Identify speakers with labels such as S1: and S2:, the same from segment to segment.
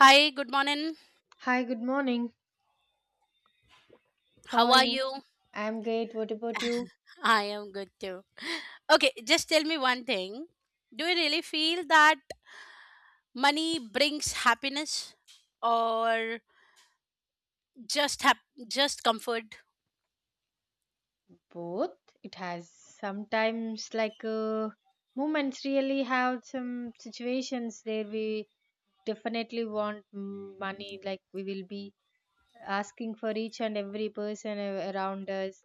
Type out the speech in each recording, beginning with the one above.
S1: Hi, good morning.
S2: Hi, good morning. How
S1: How
S2: are
S1: are
S2: you?
S1: you?
S2: I'm great. What about you?
S1: I am good too. Okay, just tell me one thing. Do you really feel that money brings happiness or just comfort?
S2: Both. It has sometimes like moments really have some situations there we definitely want money, like we will be asking for each and every person around us.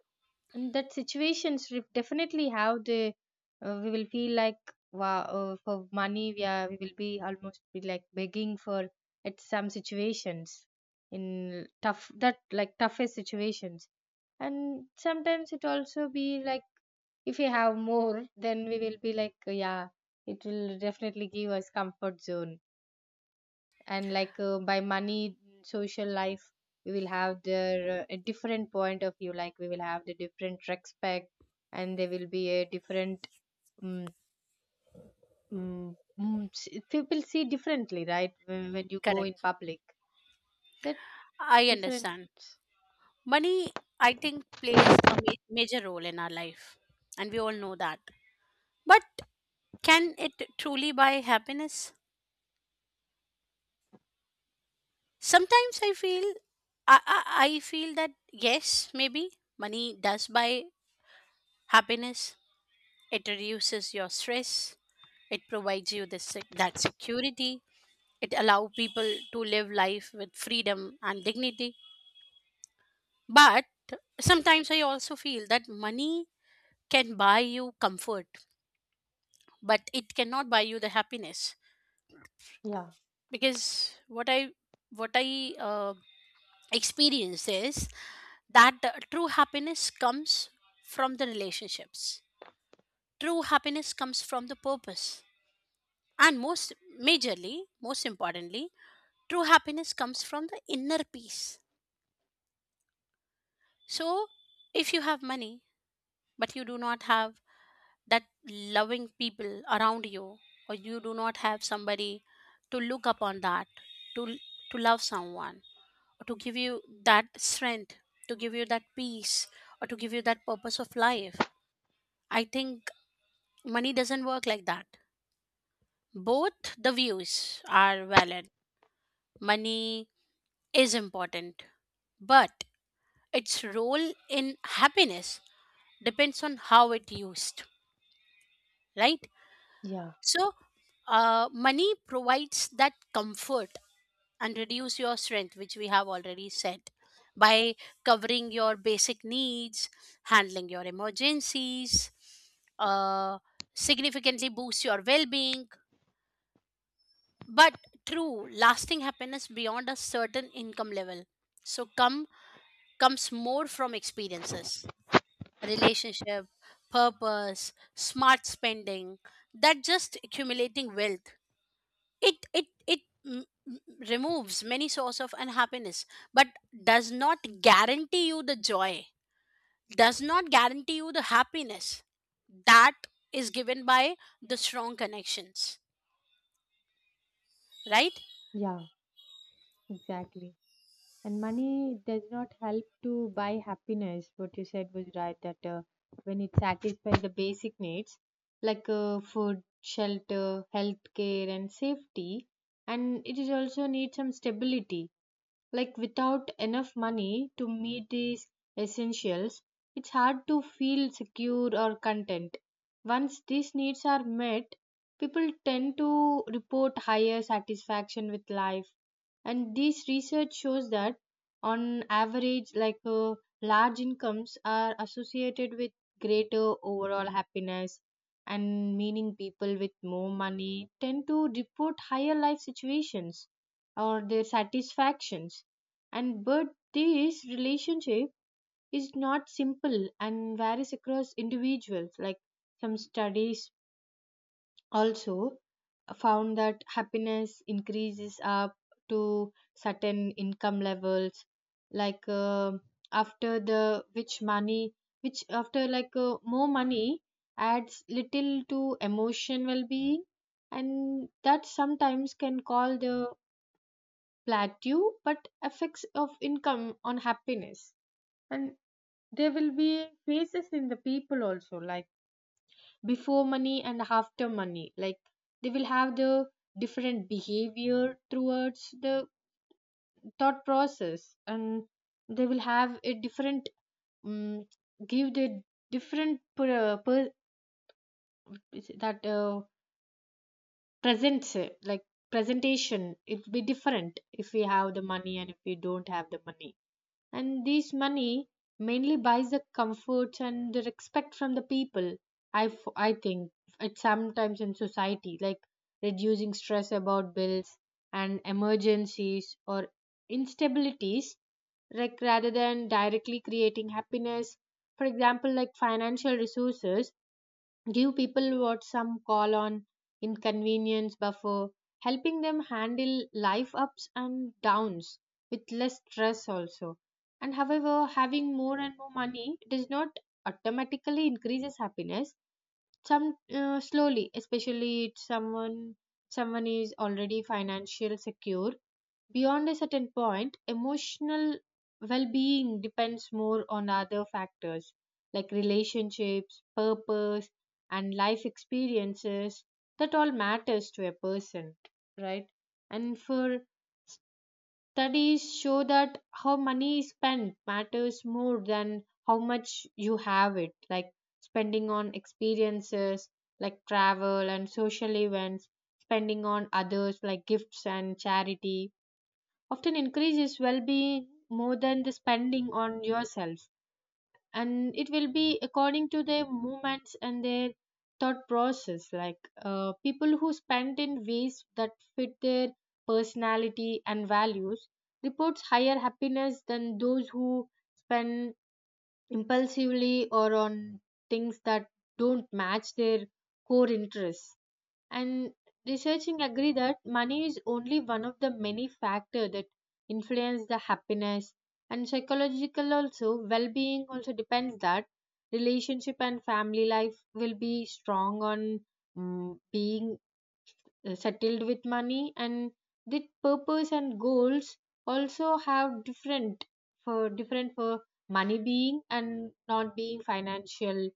S2: And that situations we definitely have the we will feel like wow for money we will be almost be like begging for at some situations in tough that like toughest situations. And sometimes it also be like if we have more then we will be like, yeah, it will definitely give us comfort zone. And like by money, social life, we will have their a different point of view, like we will have the different respect, and there will be a different um, people see differently, right, when you go in
S1: Correct.
S2: public, that
S1: I
S2: different.
S1: understand. Money, I think, plays a major role in our life and we all know that. But can it truly buy happiness? Sometimes I feel I feel that yes, maybe money does buy happiness. It reduces your stress. It provides you this, that security. It allows people to live life with freedom and dignity. But sometimes I also feel that money can buy you comfort, but it cannot buy you the happiness.
S2: Yeah,
S1: Because what I experience is that true happiness comes from the relationships. True happiness comes from the purpose. And most majorly, most importantly, true happiness comes from the inner peace. So, if you have money, but you do not have that loving people around you, or you do not have somebody to look upon, that, to, to love someone, or to give you that strength, to give you that peace, or to give you that purpose of life, I think money doesn't work like that. Both the views are valid. Money is important, but its role in happiness depends on how it used, right?
S2: yeah,
S1: So money provides that comfort and reduce your strength, which we have already said, by covering your basic needs, handling your emergencies, uh, significantly boosts your well-being. But true lasting happiness beyond a certain income level so come comes more from experiences, relationship, purpose, smart spending, that just accumulating wealth. It removes many source of unhappiness, but does not guarantee you the joy. Does not guarantee you the happiness that is given by the strong connections. Right?
S2: yeah, exactly. And money does not help to buy happiness. What you said was right, that when it satisfies the basic needs like food, shelter, health care, and safety, and it is also need some stability. Like without enough money to meet these essentials, it's hard to feel secure or content. Once these needs are met, people tend to report higher satisfaction with life, and this research shows that on average like large incomes are associated with greater overall happiness, and meaning people with more money tend to report higher life situations or their satisfactions. And but this relationship is not simple and varies across individuals. Like some studies also found that happiness increases up to certain income levels, like after the which money, which after like more money adds little to emotion well-being, and that sometimes can call the plateau but effects of income on happiness. And there will be phases in the people also, like before money and after money. Like they will have the different behavior towards the thought process, and they will have a different um, give the different that presents like presentation. It will be different if we have the money and if we don't have the money. And this money mainly buys the comforts and the respect from the people, I think. It's sometimes in society like reducing stress about bills and emergencies or instabilities, like rather than directly creating happiness. For example, like financial resources give people what some call on inconvenience buffer, helping them handle life ups and downs with less stress also. And however, having more and more money does not automatically increases happiness some slowly, especially if someone is already financially secure. Beyond a certain point, emotional well-being depends more on other factors like relationships, purpose, and life experiences that all matters to a person, right? And for studies show that how money is spent matters more than how much you have it, like spending on experiences like travel and social events, spending on others like gifts and charity often increases well being more than the spending on yourself. And it will be according to their movements and their thought process, like people who spend in ways that fit their personality and values reports higher happiness than those who spend impulsively or on things that don't match their core interests. And researching agree that money is only one of the many factors that influence the happiness. And psychological also well-being also depends that relationship and family life will be strong on being settled with money, and the purpose and goals also have different for different for money being and not being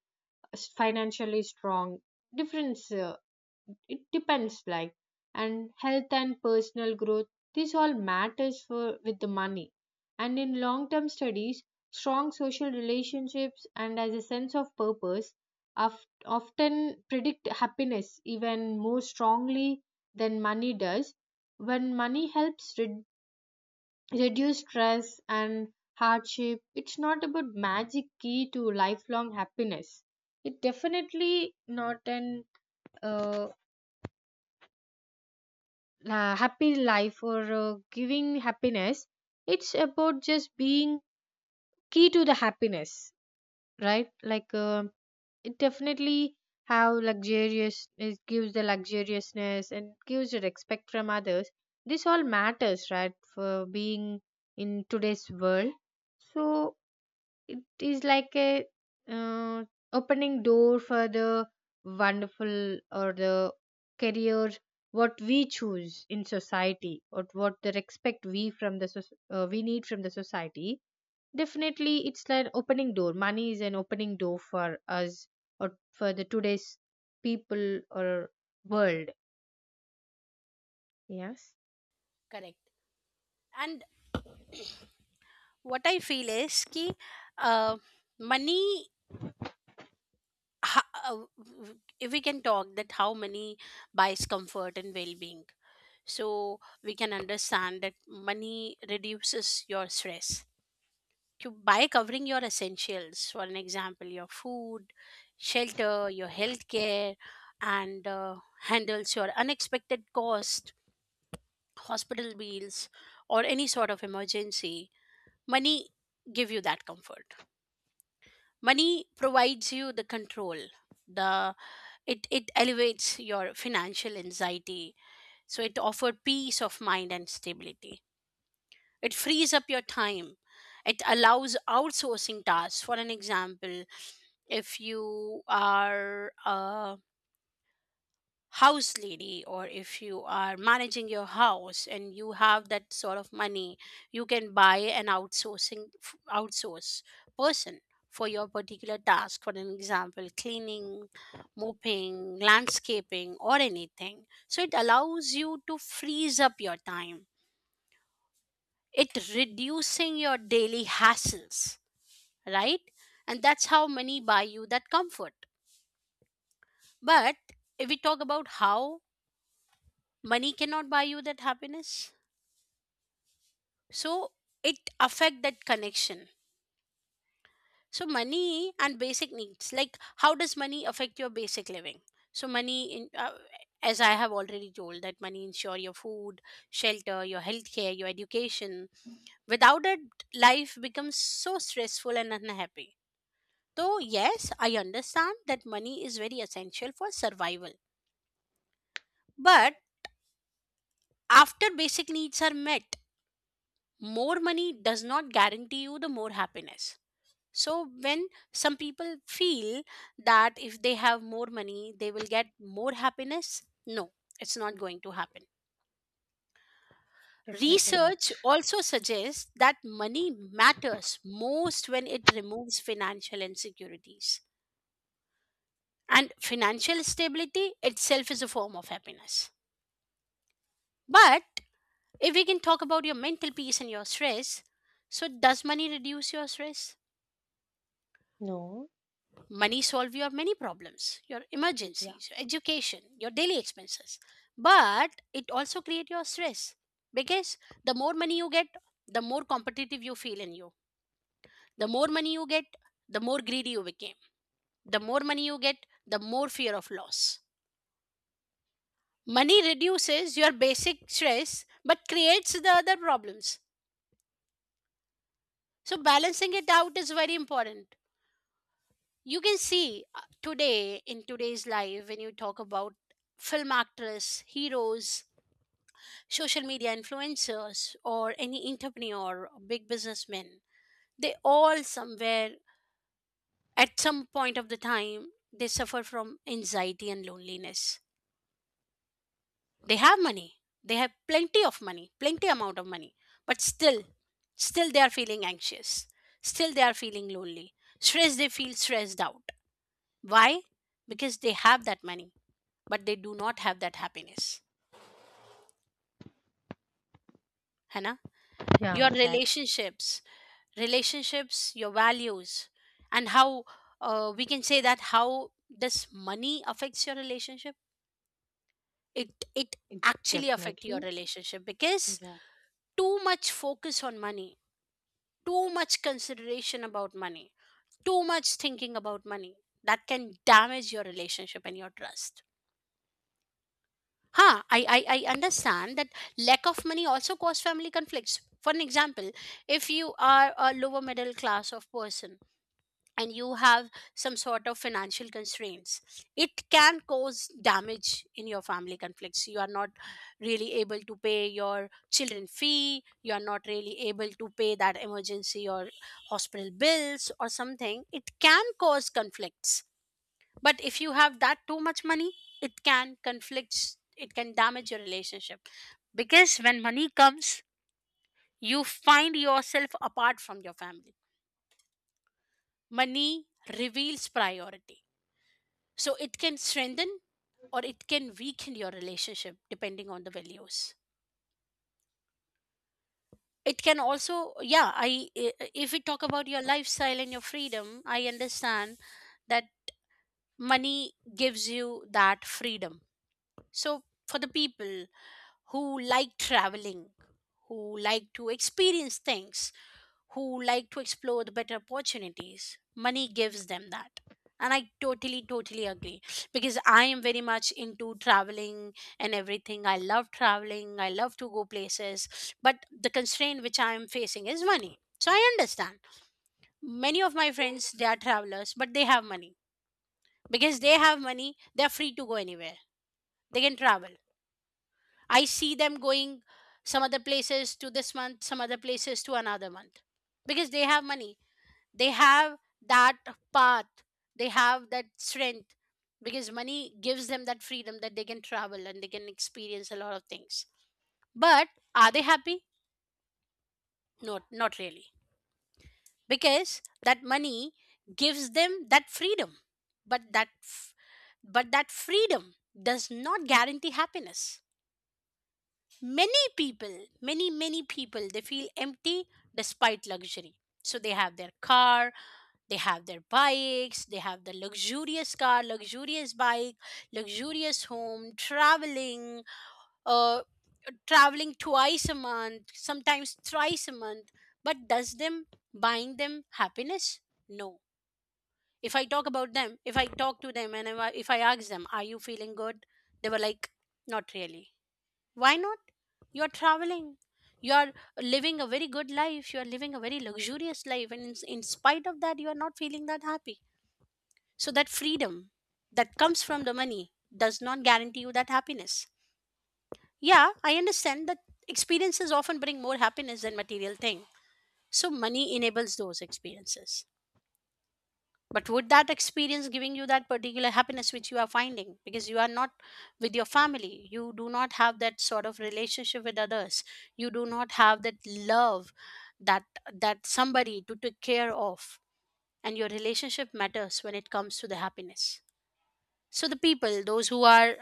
S2: financially strong difference. It depends like. And health and personal growth, this all matters for with the money. And in long term studies, strong social relationships and as a sense of purpose of, often predict happiness even more strongly than money does. When money helps reduce stress and hardship, it's not about magic key to lifelong happiness. It definitely not an uh, happy life or giving happiness. It's about just being key to the happiness, right? Like it definitely, how luxurious, it gives the luxuriousness and gives the respect from others. This all matters, right, for being in today's world. So it is like a uh, opening door for the wonderful or the career, what we choose in society, or what the respect we from the we need from the society. Definitely, it's like opening door. Money is an opening door for us or for the today's people or world. Yes.
S1: Correct. And what I feel is uh, money. ha- uh, If we can talk that how money buys comfort and well-being, so we can understand that money reduces your stress to, by covering your essentials, for an example, your food, shelter, your healthcare, and handles your unexpected cost, hospital bills, or any sort of emergency. Money give you that comfort. Money provides you the control, the it elevates your financial anxiety, so it offer peace of mind and stability. It frees up your time. It allows outsourcing tasks. For an example, if you are a house lady or if you are managing your house and you have that sort of money, you can buy an outsource person for your particular task. For an example, cleaning, mopping, landscaping, or anything. So it allows you to freeze up your time, it reducing your daily hassles, right? And that's how money buy you that comfort. But if we talk about how money cannot buy you that happiness, so it affect that connection. So money and basic needs, like how does money affect your basic living? So money, as I have already told, that money ensure your food, shelter, your healthcare, your education. Without it, life becomes so stressful and unhappy. So yes, I understand that money is very essential for survival. But after basic needs are met, more money does not guarantee you the more happiness. So, when some people feel that if they have more money, they will get more happiness, no, it's not going to happen. Research also suggests that money matters most when it removes financial insecurities. And financial stability itself is a form of happiness. But if we can talk about your mental peace and your stress, so does money reduce your stress?
S2: No,
S1: Money solve your many problems, your
S2: yeah,
S1: emergencies, your education, your daily expenses. But it also create your stress because the more money you get, the more competitive you feel in you. The more money you get, the more greedy you became. The more money you get, the more fear of loss. Money reduces your basic stress but creates the other problems. So balancing it out is very important. You can see today in today's life, when you talk about film actress, heroes, social media influencers, or any entrepreneur or big businessmen, they all somewhere at some point of the time they suffer from anxiety and loneliness. They have money, they have plenty of money, plenty amount of money, but still they are feeling anxious, still they are feeling lonely, stress, they feel stressed out. Why? Because they have that money, but they do not have that happiness. Hannah,
S2: yeah.
S1: your
S2: Exactly.
S1: relationships, relationships, your values, and how we can say that how does money affects your relationship? It
S2: It,
S1: actually affect your
S2: Definitely.
S1: relationship because
S2: Yeah.
S1: too much focus on money, too much consideration about money, too much thinking about money, that can damage your relationship and your trust. Huh, I understand that lack of money also cause family conflicts. For an example, if you are a lower middle class of person and you have some sort of financial constraints, it can cause damage in your family conflicts. You are not really able to pay your children fee, you are not really able to pay that emergency or hospital bills or something. It can cause conflicts. But if you have that too much money, it can conflicts, it can damage your relationship, because when money comes you find yourself apart from your family. Money reveals priority, so it can strengthen or it can weaken your relationship depending on the values. It can also, yeah, if we talk about your lifestyle and your freedom, I understand that money gives you that freedom. So for the people who like traveling, who like to experience things, who like to explore the better opportunities. Money gives them that. And I totally, totally agree because I am very much into traveling and everything. I love traveling, I love to go places, but the constraint which I am facing is money. So I understand. Many of my friends, they are travelers, but they have money. Because they have money, they are free to go anywhere. They can travel. I see them going some other places to this month, some other places to another month because they have money. They have that path. They have that strength because money gives them that freedom that they can travel and they can experience a lot of things. But are they happy? No, not really. Because that money gives them that freedom. But but that freedom does not guarantee happiness. Many people, many, many people, they feel empty despite luxury. So they have their car, they have their bikes, they have the luxurious car, luxurious bike, luxurious home, traveling, uh, traveling twice a month, sometimes thrice a month. But does them buying them happiness? No. If I talk about them, if I talk to them and if I ask them, are you feeling good? They were like, not really. Why not? You are traveling. You are living a very good life. You are living a very luxurious life. And in spite of that, you are not feeling that happy. So, that freedom that comes from the money does not guarantee you that happiness. Yeah, I understand that experiences often bring more happiness than material thing. So, money enables those experiences. But would that experience giving you that particular happiness which you are finding? Because you are not with your family. You do not have that sort of relationship with others. You do not have that love, that that somebody to take care of. And your relationship matters when it comes to the happiness. So the people, those who are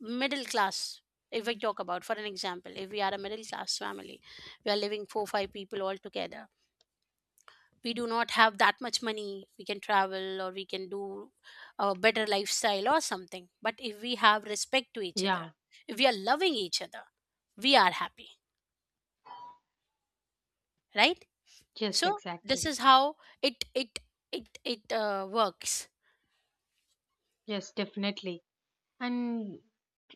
S1: middle class, if we talk about, for an example, if we are a middle class family, we are living four, five people all together, we do not have that much money we can travel or we can do a better lifestyle or something, but if we have respect to each other,
S2: Yeah.
S1: if we are loving each other, we are happy, right?
S2: Yes.
S1: So this
S2: Exactly.
S1: is how it it it it works.
S2: Yes. Definitely. And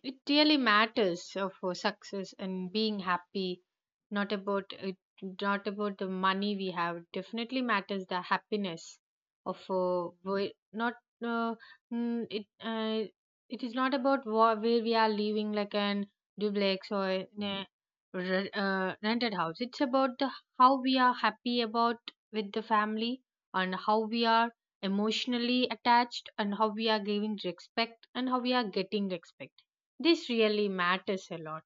S2: it really matters for success and being happy. Not about it, not about the money we have, definitely matters the happiness of where- not uh, mm, it uh, it is not about where we are living, like an duplex or in a rented house. It's about the how we are happy about with the family, and how we are emotionally attached, and how we are giving respect, and how we are getting respect. This really matters a lot.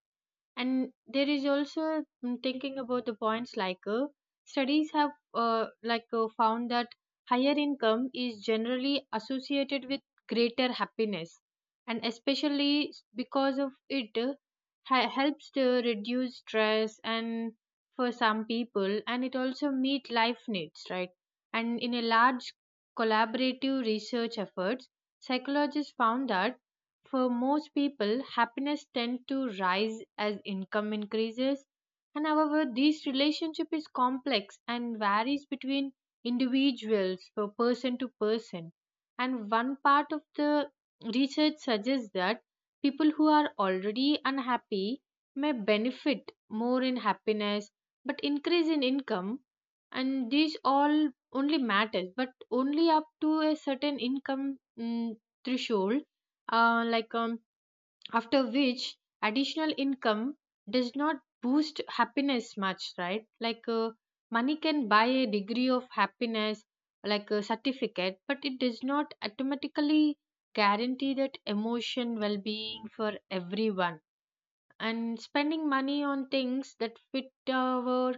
S2: And there is also thinking about the points, like studies have like found that higher income is generally associated with greater happiness, and especially because of it helps to reduce stress and for some people, and it also meet life needs, right? And in a large collaborative research efforts, psychologists found that for most people, happiness tends to rise as income increases. And however, this relationship is complex and varies between individuals, from person to person. And one part of the research suggests that people who are already unhappy may benefit more in happiness but increase in income, and these all only matters but only up to a certain income threshold, like after which additional income does not boost happiness much, right? Like money can buy a degree of happiness, like a certificate, but it does not automatically guarantee that emotion well-being for everyone. And spending money on things that fit our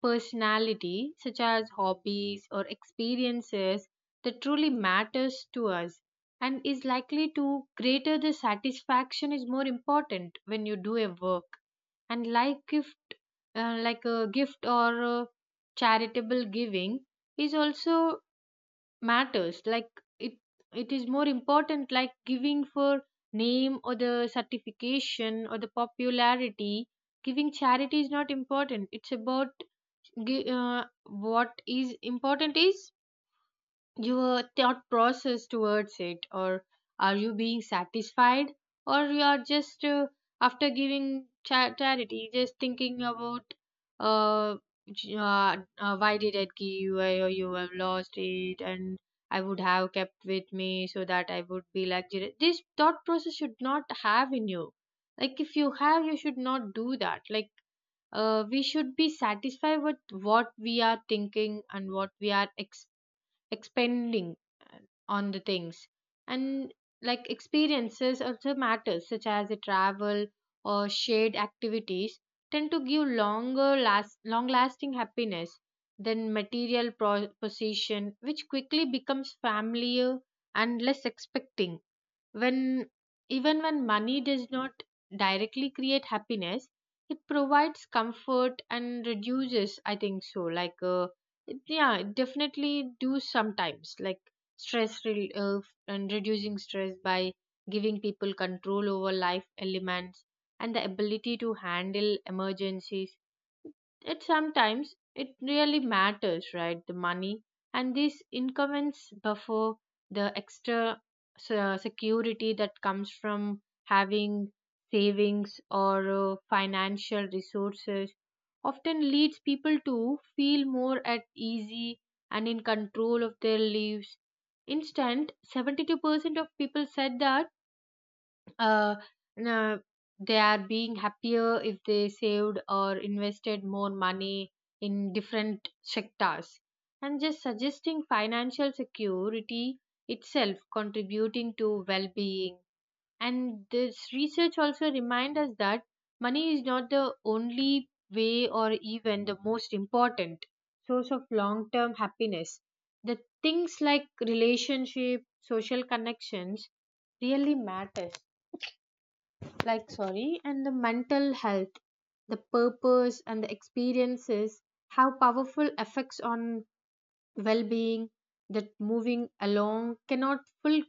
S2: personality, such as hobbies or experiences that truly matters to us, and is likely to greater the satisfaction, is more important when you do a work. And like gift like a gift or a charitable giving is also matters like, it it is more important, like giving for name or the certification or the popularity. Giving charity is not important. It's about gi- uh, what is important is your thought process towards it, or are you being satisfied, or you are just after giving charity just thinking about uh, why did I give, or you have lost it, and I would have kept with me so that I would be like "Jira-". This thought process should not have in you. Like if you have, you should not do that. Like we should be satisfied with what we are thinking and what we are expending uh, on the things. And like experiences also matters, such as a travel or shared activities, tend to give long lasting happiness than material possession, which quickly becomes familiar and less expecting. When even when money does not directly create happiness, it provides comfort and reduces, I think so. Like yeah, it definitely do sometimes, like stress and reducing stress by giving people control over life elements and the ability to handle emergencies. It sometimes it really matters, right? The money. And these incumbents buffer, the extra security that comes from having savings or financial resources often leads people to feel more at easy and in control of their lives. Instead, 72% of people said that uh, na- they are being happier if they saved or invested more money in different sectors, and just suggesting financial security itself contributing to well-being. And this research also reminds us that money is not the only way or even the most important source of long-term happiness. The things like relationship, social connections really matters, like sorry, and the mental health, the purpose and the experiences have powerful effects on well-being that moving along cannot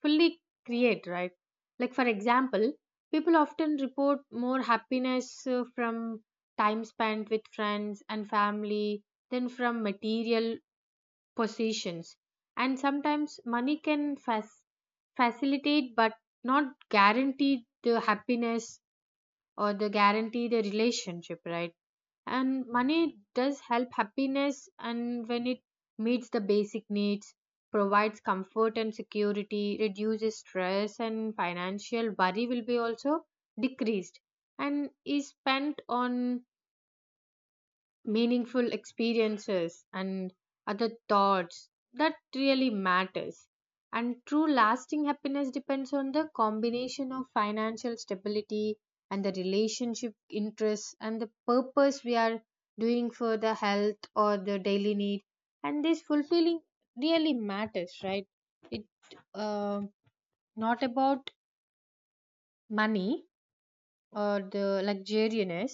S2: fully create, right? Like for example, people often report more happiness from time spent with friends and family than from material possessions. And sometimes money can facilitate but not guarantee the happiness, or they guarantee the relationship, right? And money does help happiness, and when it meets the basic needs, provides comfort and security, reduces stress, and financial worry will be also decreased, and is spent on meaningful experiences and other thoughts that really matters. And true lasting happiness depends on the combination of financial stability and the relationship, interests, and the purpose we are doing for the health or the daily need, and this fulfilling really matters, right? It uh, not about money or the luxuriousness,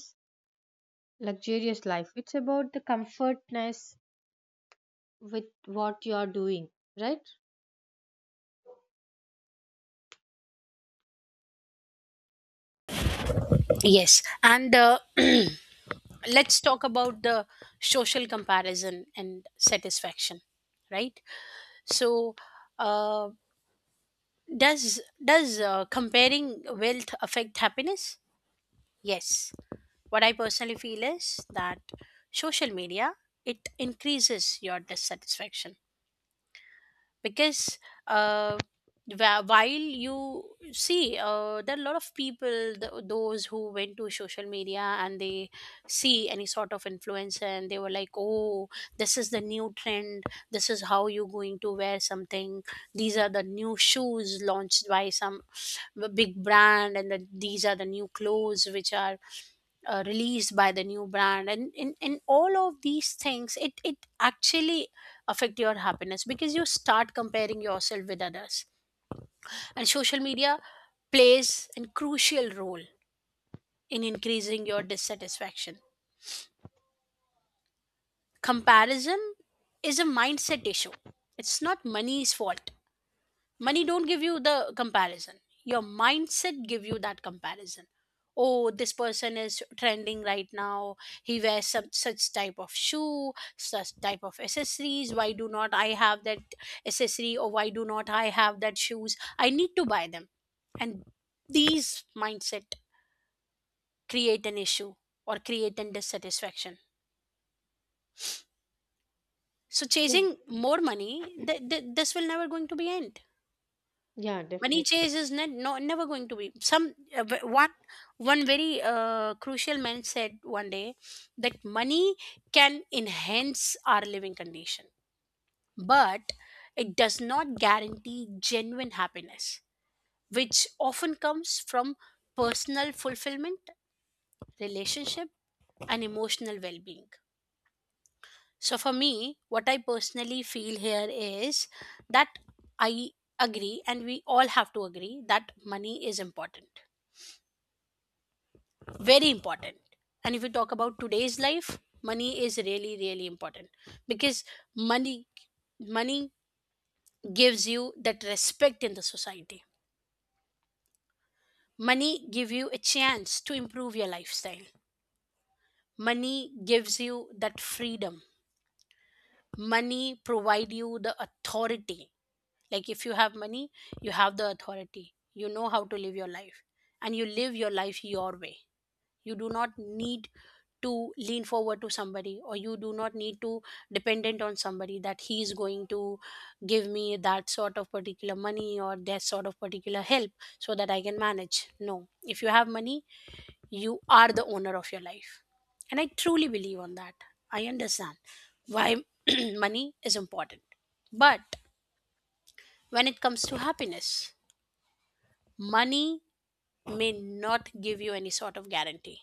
S2: luxurious life. It's about the comfortness with what you are doing, right?
S1: Yes, and let's talk about the social comparison and satisfaction, right? So uh, does does comparing wealth affect happiness? Yes. What I personally feel is that social media, it increases your dissatisfaction, because uh, while you see there are a lot of people those who went to social media and they see any sort of influencer and they were like, oh, this is the new trend, this is how you're going to wear something, these are the new shoes launched by some big brand, and the, these are the new clothes which are released by the new brand. And in all of these things, it actually affect your happiness because you start comparing yourself with others. And social media plays a crucial role in increasing your dissatisfaction. Comparison is a mindset issue, it's not money's fault. Money don't give you the comparison, your mindset give you that comparison. Oh, this person is trending right now, he wears some such type of shoe, such type of accessories, why do not I have that accessory, or why do not I have that shoes, I need to buy them. And these mindset create an issue or create an dissatisfaction. So chasing
S2: Yeah.
S1: more money, this will never going to be end.
S2: Yeah,
S1: Money
S2: definitely.
S1: chase is not, no, never going to be some one one very crucial man said one day that money can enhance our living condition, but it does not guarantee genuine happiness, which often comes from personal fulfillment, relationship, and emotional well-being. So for me, what I personally feel here is that I agree and we all have to agree that money is important, very important. And if we talk about today's life, money is really really important, because money money gives you that respect in the society. Money give you a chance to improve your lifestyle. Money gives you that freedom. Money provide you the authority. Like if you have money, you have the authority, you know how to live your life, and you live your life your way. You do not need to lean forward to somebody or you do not need to dependent on somebody that he is going to give me that sort of particular money or that sort of particular help, so that I can manage. No, if you have money, you are the owner of your life. And I truly believe on that. I understand why money is important. But when it comes to happiness, money may not give you any sort of guarantee.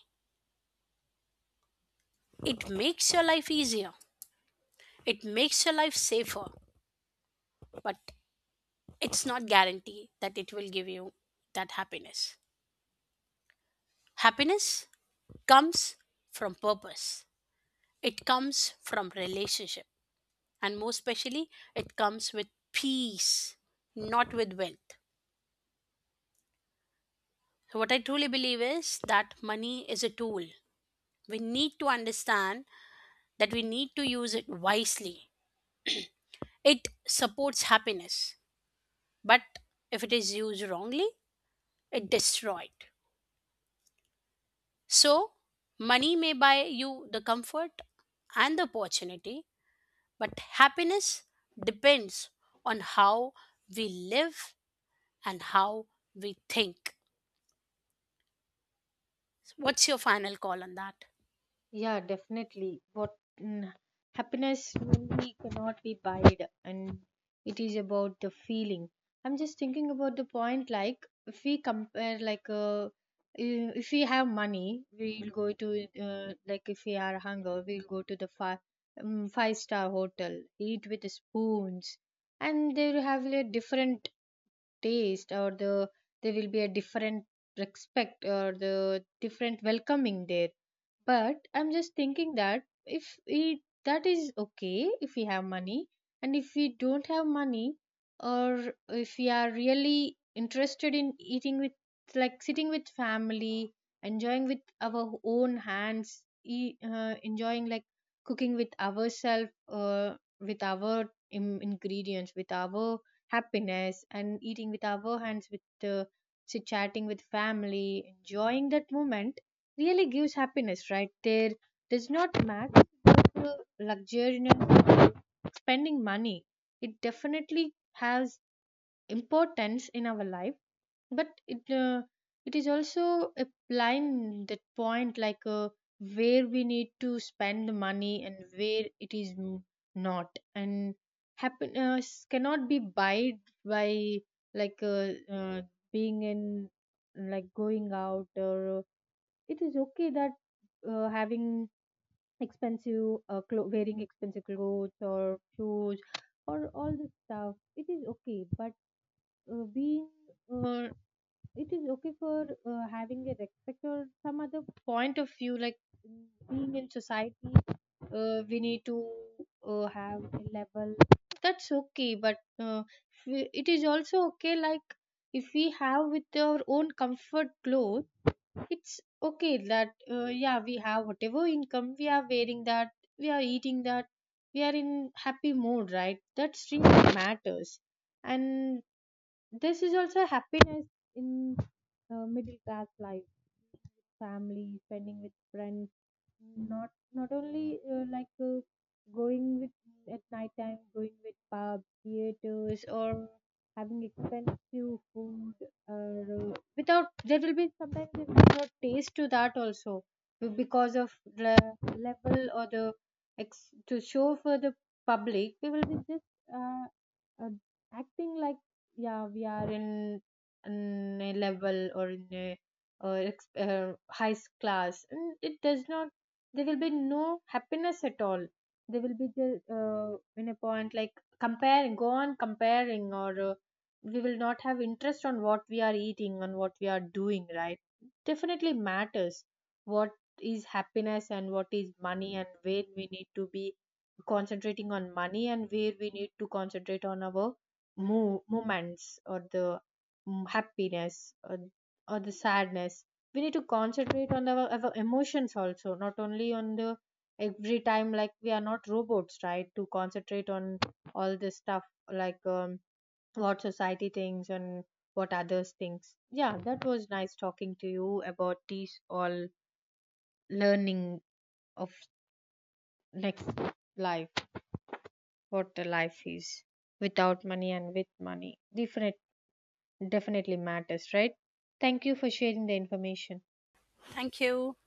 S1: It makes your life easier. It makes your life safer, but it's not guarantee that it will give you that happiness. Happiness comes from purpose. It comes from relationship, and more especially, it comes with peace, not with wealth. So what I truly believe is that money is a tool. We need to understand that we need to use it wisely. It supports happiness, but if it is used wrongly, it destroys. It. So, money may buy you the comfort and the opportunity, but happiness depends on how we live and how we think. What's your final call on that?
S2: Yeah, definitely. What, mm, happiness really cannot be buyed, and it is about the feeling. I'm just thinking about the point like if we compare like if we have money, we'll go to like if we are hunger, we'll go to the five-star hotel, eat with spoons, and they will have a different taste, or the there will be a different respect or the different welcoming there. But I'm just thinking that if we, that is okay if we have money, and if we don't have money, or if we are really interested in eating with, like sitting with family, enjoying with our own hands, enjoying like cooking with ourselves, with our ingredients, with our happiness, and eating with our hands with chit chatting with family, enjoying that moment really gives happiness right there. Does not matter the luxurious spending money. It definitely has importance in our life, but it is also a line, that point like where we need to spend the money and where it is not. And happiness cannot be buyed by, like uh, uh, being in, like going out, or it is okay that having expensive, wearing expensive clothes or shoes, or all this stuff, it is okay. But being uh, it is okay for having a respect or some other point of view, like being in society, we need to have a level, that's okay. But it is also okay, like if we have with our own comfort clothes, it's okay that yeah, we have whatever income, we are wearing that, we are eating that, we are in happy mood, right? That's really matters. And this is also happiness in middle class life, family, spending with friends, not only going with at night time, going with pubs, theaters, or having expensive food, or without, there will be sometimes, there will be no taste to that also, because of the level or the to show for the public, we will be just uh, uh, acting like, yeah we are in a level or in a high class, and it does not, there will be no happiness at all. There will be the in a point like comparing, go on comparing, or we will not have interest on what we are eating, on what we are doing, right? Definitely matters what is happiness and what is money, and where we need to be concentrating on money and where we need to concentrate on our moments or the happiness, or the sadness. We need to concentrate on our emotions also, not only on the every time, like we are not robots, right, to concentrate on all this stuff, like what society thinks and what others thinks. Yeah, that was nice talking to you about these all learning of next life, what the life is without money and with money different. Definitely matters, right? Thank you for sharing the information.
S1: Thank you.